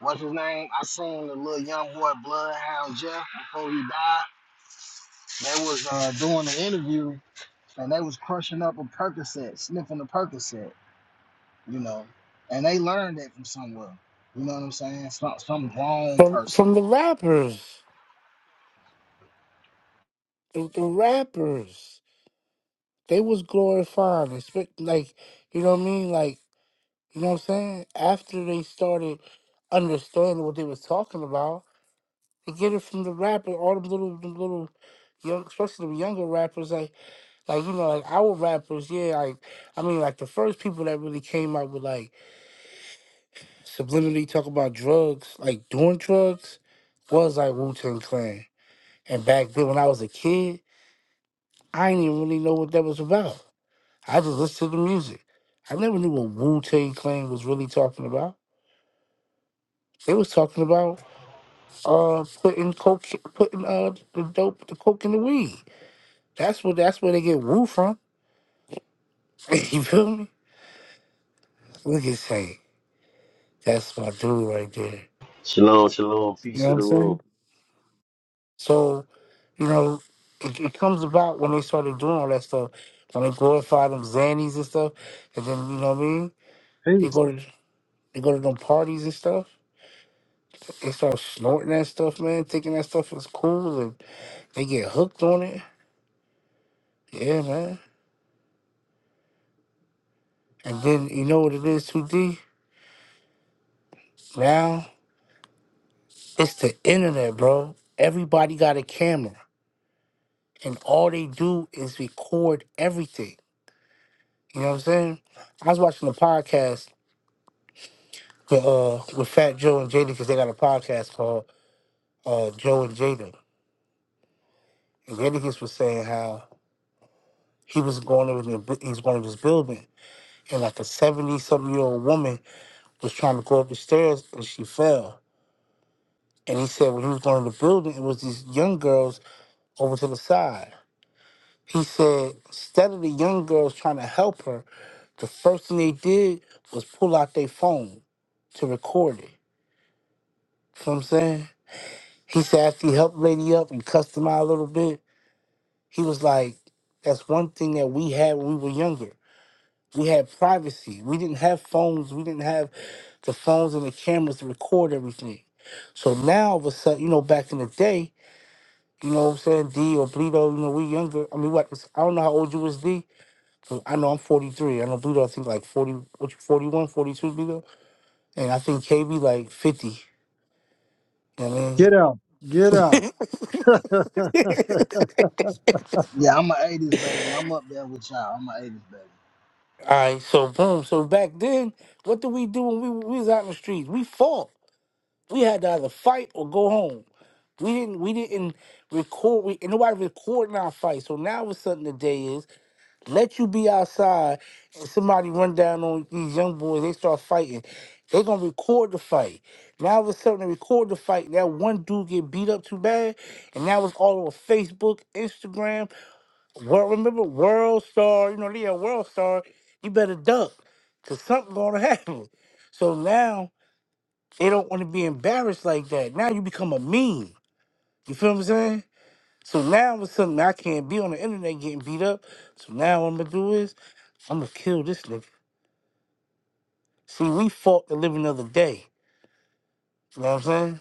B: what's his name? I seen the little young boy Bloodhound Jeff before he died. They was uh, doing the interview and they was crushing up a Percocet, sniffing a Percocet, you know, and they learned that from somewhere. You know what I'm saying? Some some grown
D: From
B: person.
D: from the rappers, the, the rappers, they was glorifying, expect like you know what I mean, like. You know what I'm saying? After they started understanding what they was talking about, they get it from the rapper, all them little them little young especially the younger rappers like like you know, like our rappers, yeah, like I mean like the first people that really came out with like subliminally talk about drugs, like doing drugs, was like Wu Tang Clan. And back then when I was a kid, I didn't even really know what that was about. I just listened to the music. I never knew what Wu Tang Clan was really talking about. They was talking about uh putting coke putting uh the dope the coke in the weed. That's what that's where they get woo from. you feel me? Look at say that's my dude right there.
E: Shalom, shalom,
D: You
E: peace
D: know
E: to
D: what I'm
E: the room.
D: saying? So, you know, it, it comes about when they started doing all that stuff. When they glorify them Xannies and stuff, and then you know what I mean?
A: Hey,
D: They go to they go to them parties and stuff. They start snorting that stuff, man, thinking that stuff is cool and they get hooked on it. Yeah, man. And then you know what it is, 2D? Now It's the internet, bro. Everybody got a camera, and all they do is record everything. You know what I'm saying? I was watching a podcast with, uh, with Fat Joe and Jada because they got a podcast called uh, Joe and Jada. And Jadakiss was saying how he was going over the, bu- he was going to this building, and like a 70 something year old woman was trying to go up the stairs and she fell. And he said when he was going to the building, it was these young girls over to the side. He said, instead of the young girls trying to help her, the first thing they did was pull out their phone to record it. You know what I'm saying? He said after he helped Lady up and cussed him out a little bit, he was like, that's one thing that we had when we were younger. We had privacy. We didn't have phones. We didn't have the phones and the cameras to record everything. So now, all of a sudden, you know, back in the day, you know what I'm saying, D or Bleedo, you know, we younger. I mean, what, I don't know how old you was, D, So I know I'm 43. I know Ludo, I think like 40, what, 41, 42, Ludo. And I think KB like 50. You know what
A: get out, get
D: I
A: out.
D: mean?
B: Yeah, I'm a '80s baby. I'm up there with y'all. I'm a '80s baby.
D: All right, so boom. So back then, what did we do when we, we was out in the streets? We fought. We had to either fight or go home. We didn't. We didn't record. We, and nobody recording our fight. So now, what's something today is Let you be outside and somebody run down on these young boys, they start fighting. They gonna record the fight. Now all of a sudden they record the fight. That one dude get beat up too bad, and now it's all over Facebook, Instagram. World remember World Star, you know, they a World Star. You better duck. Cause something gonna happen. So now they don't wanna be embarrassed like that. Now you become a meme. You feel what I'm saying? So now all of a sudden I can't be on the internet getting beat up. So now what I'm gonna do is I'ma kill this nigga. See, we fought the living of the day. You know what I'm saying?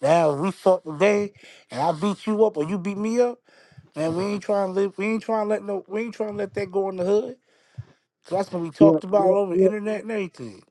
D: Now we fought today, and I beat you up or you beat me up. Man, we ain't trying to live. We ain't trying to let no. We ain't trying to let that go in the hood. So that's gonna be
A: Yeah,
D: talked about
A: yeah,
D: all over
A: yeah.
D: the internet and everything.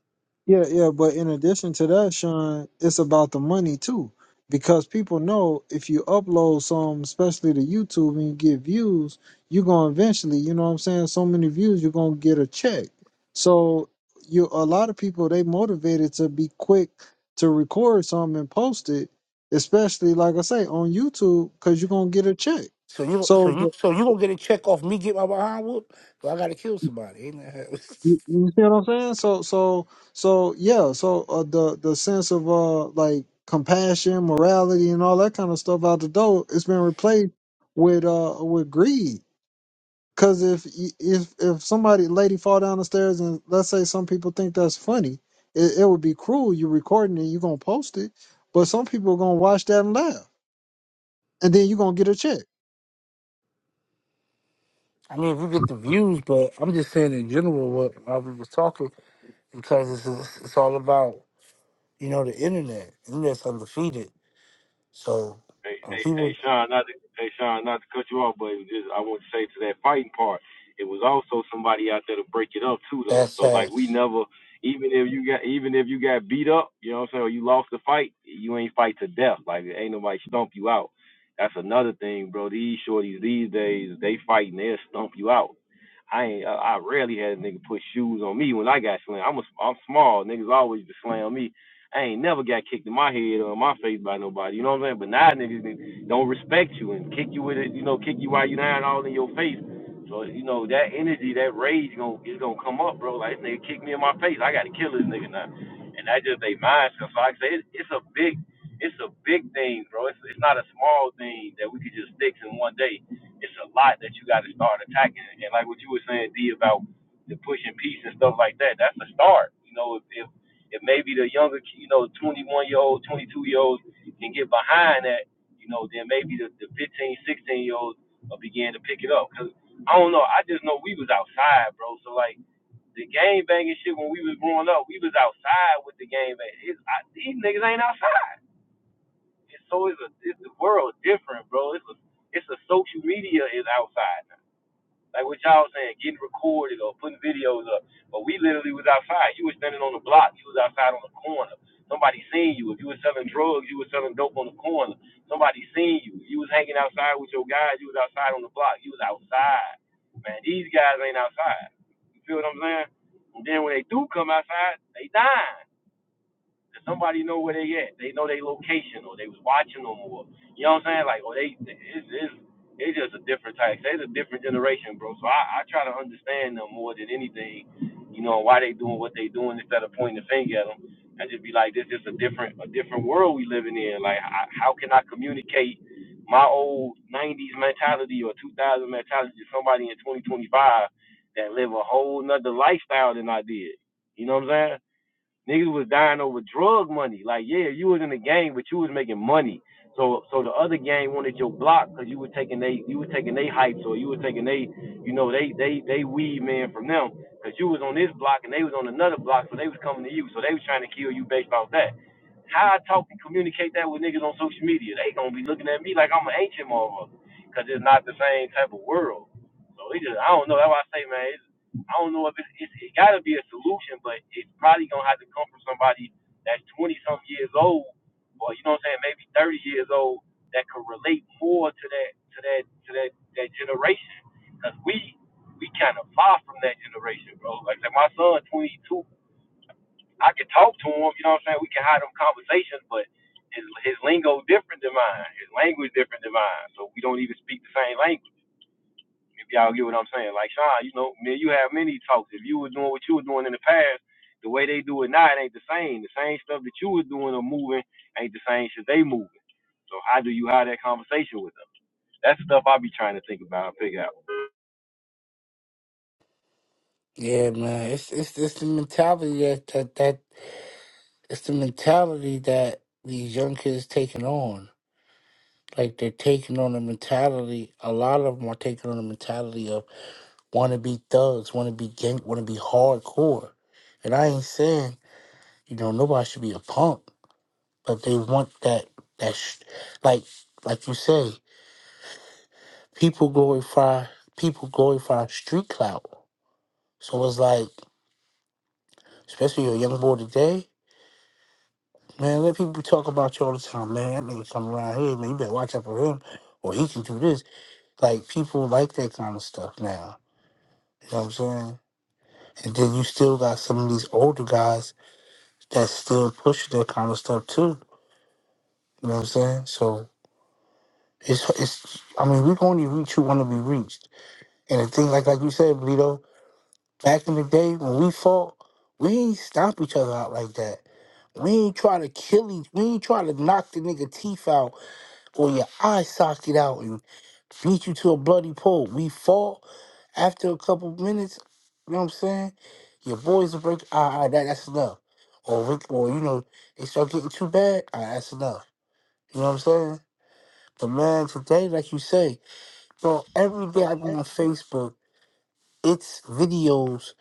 A: Yeah, yeah, but in addition to that, Sean, it's about the money too. Because people know if you upload some, especially to YouTube, and you get views, you're gonna eventually, you know what I'm saying, so many views, you're gonna get a check. So you a lot of people they motivated to be quick to record something and post it, especially like I say, on YouTube, because you're gonna get a check.
D: So you, so
A: So
D: you, so you gonna get a check off me get my behind whooped? But I gotta kill somebody. Ain't that?
A: You, you see what I'm saying? So so so yeah. So uh, the the sense of uh like compassion, morality, and all that kind of stuff out the door, it's been replaced with uh with greed. Because if y- if if somebody lady fall down the stairs and let's say some people think that's funny, it, it would be cruel. You're recording it, you're gonna post it, but some people are gonna watch that and laugh, and then you're gonna get a check.
D: I mean, if we get the views, but I'm just saying in general what I was talking because it's it's all about you know the internet. Internet's undefeated. So uh, he was that's that. Yeah, man. It's it's it's the mentality that that that it's the mentality that these young kids taking on. Like they're taking on a mentality. A lot of them are taking on a mentality of want to be thugs, want to be gang, want to be hardcore. And I ain't saying you know nobody should be a punk, but they want that that sh- like like you say, people glorify people glorify street clout. So it's like. especially a young boy today. Man, let people talk about you all the time, man. That nigga come around here, man. You better watch out for him, or he can do this. Like people like that kind of stuff now. You know what I'm saying? And then you still got some of these older guys that still push that kind of stuff too. You know what I'm saying? So it's it's. I mean, we can only reach who want to be reached. And the thing, like like you said, Bleedo, back in the day when we fought, we ain't stomp each other out like that. We ain't try to kill each. We ain't try to knock the nigga teeth out or your eye socket out and beat you to a bloody pulp. We fall after a couple minutes. You know what I'm saying? Your boys will break. Ah, ah, that, that's enough. Or we- or you know they start getting too bad. Ah, that's enough. You know what I'm saying? But man, today, like you say, so every day
F: So,
D: I go
F: eh,
D: on Facebook, it's videos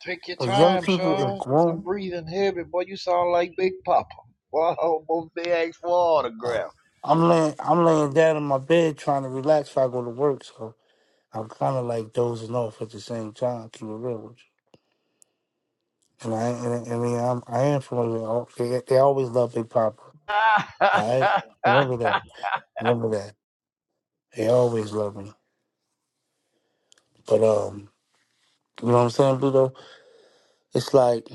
F: Take your
D: where young
F: time,
D: people and
F: Sean. You
D: grown.
F: breathing heavy, boy. You sound like Big Papa. Boy, I almost they asked for
D: Uh,
F: autograph.
D: I'm laying, I'm laying down in my bed trying to relax before I go to work. So I'm kind of like dozing off at the same time. Keep it real with you. And I and I, mean, I, am, I am from them. Al- They, they always love Big Papa. All right, remember that. Remember that. They always love me. But um, you know what I'm saying, Bluto? It's like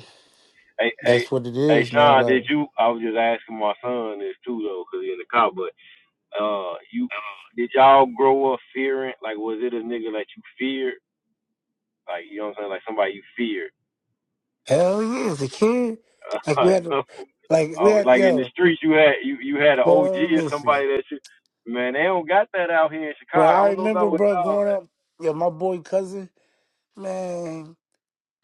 D: that's what it is, man. Like hell yeah, as a kid, like we had, to- like we had, yo, bro, listen, bro. I remember, bro, growing up, yo, my boy cousin, man.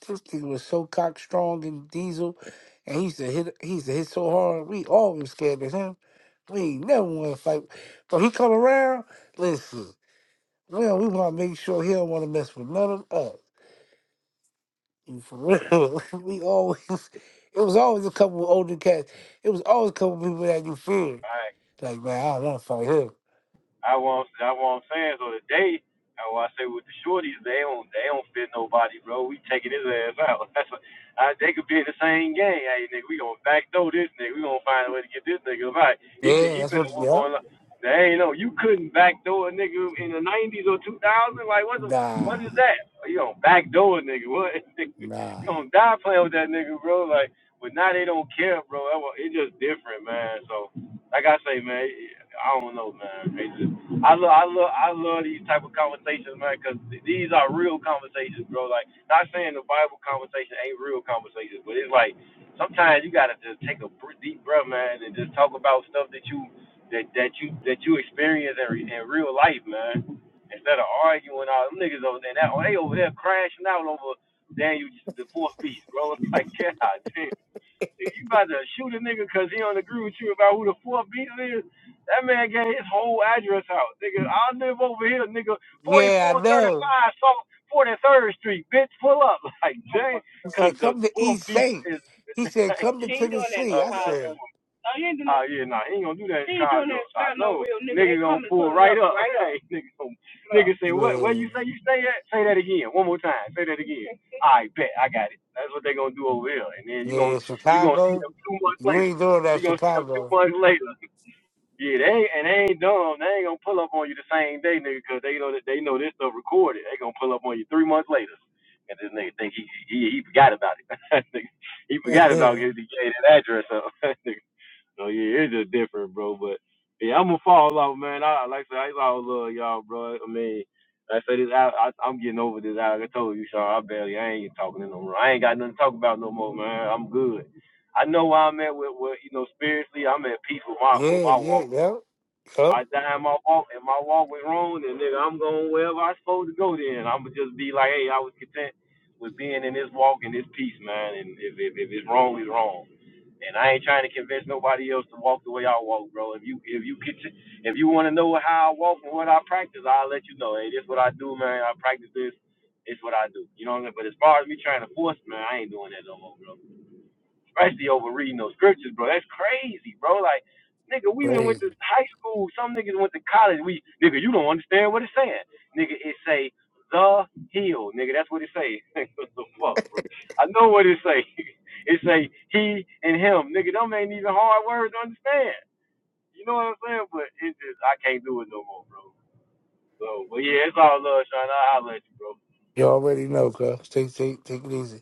D: This nigga was so cock strong and diesel, and he used to hit. He used to hit so hard. We all was scared of him. We ain't never want to fight. But he come around. Listen, well, we want to make sure he don't want to mess with none of us. You for real? we always. It was always a couple of older cats. It was always a couple of people that you feared. Like man, I don't want to fight him. Yeah, that's what. Yeah. Nah, nah. Yeah, I know. He said, "Come to East Saint." He said, "Come to Tennessee." I said, "Yeah, yeah, Chicago. You ain't doing that, Chicago." yeah, yeah, yep, yep. Crazy. You already know, cuz. Take, take, take it easy.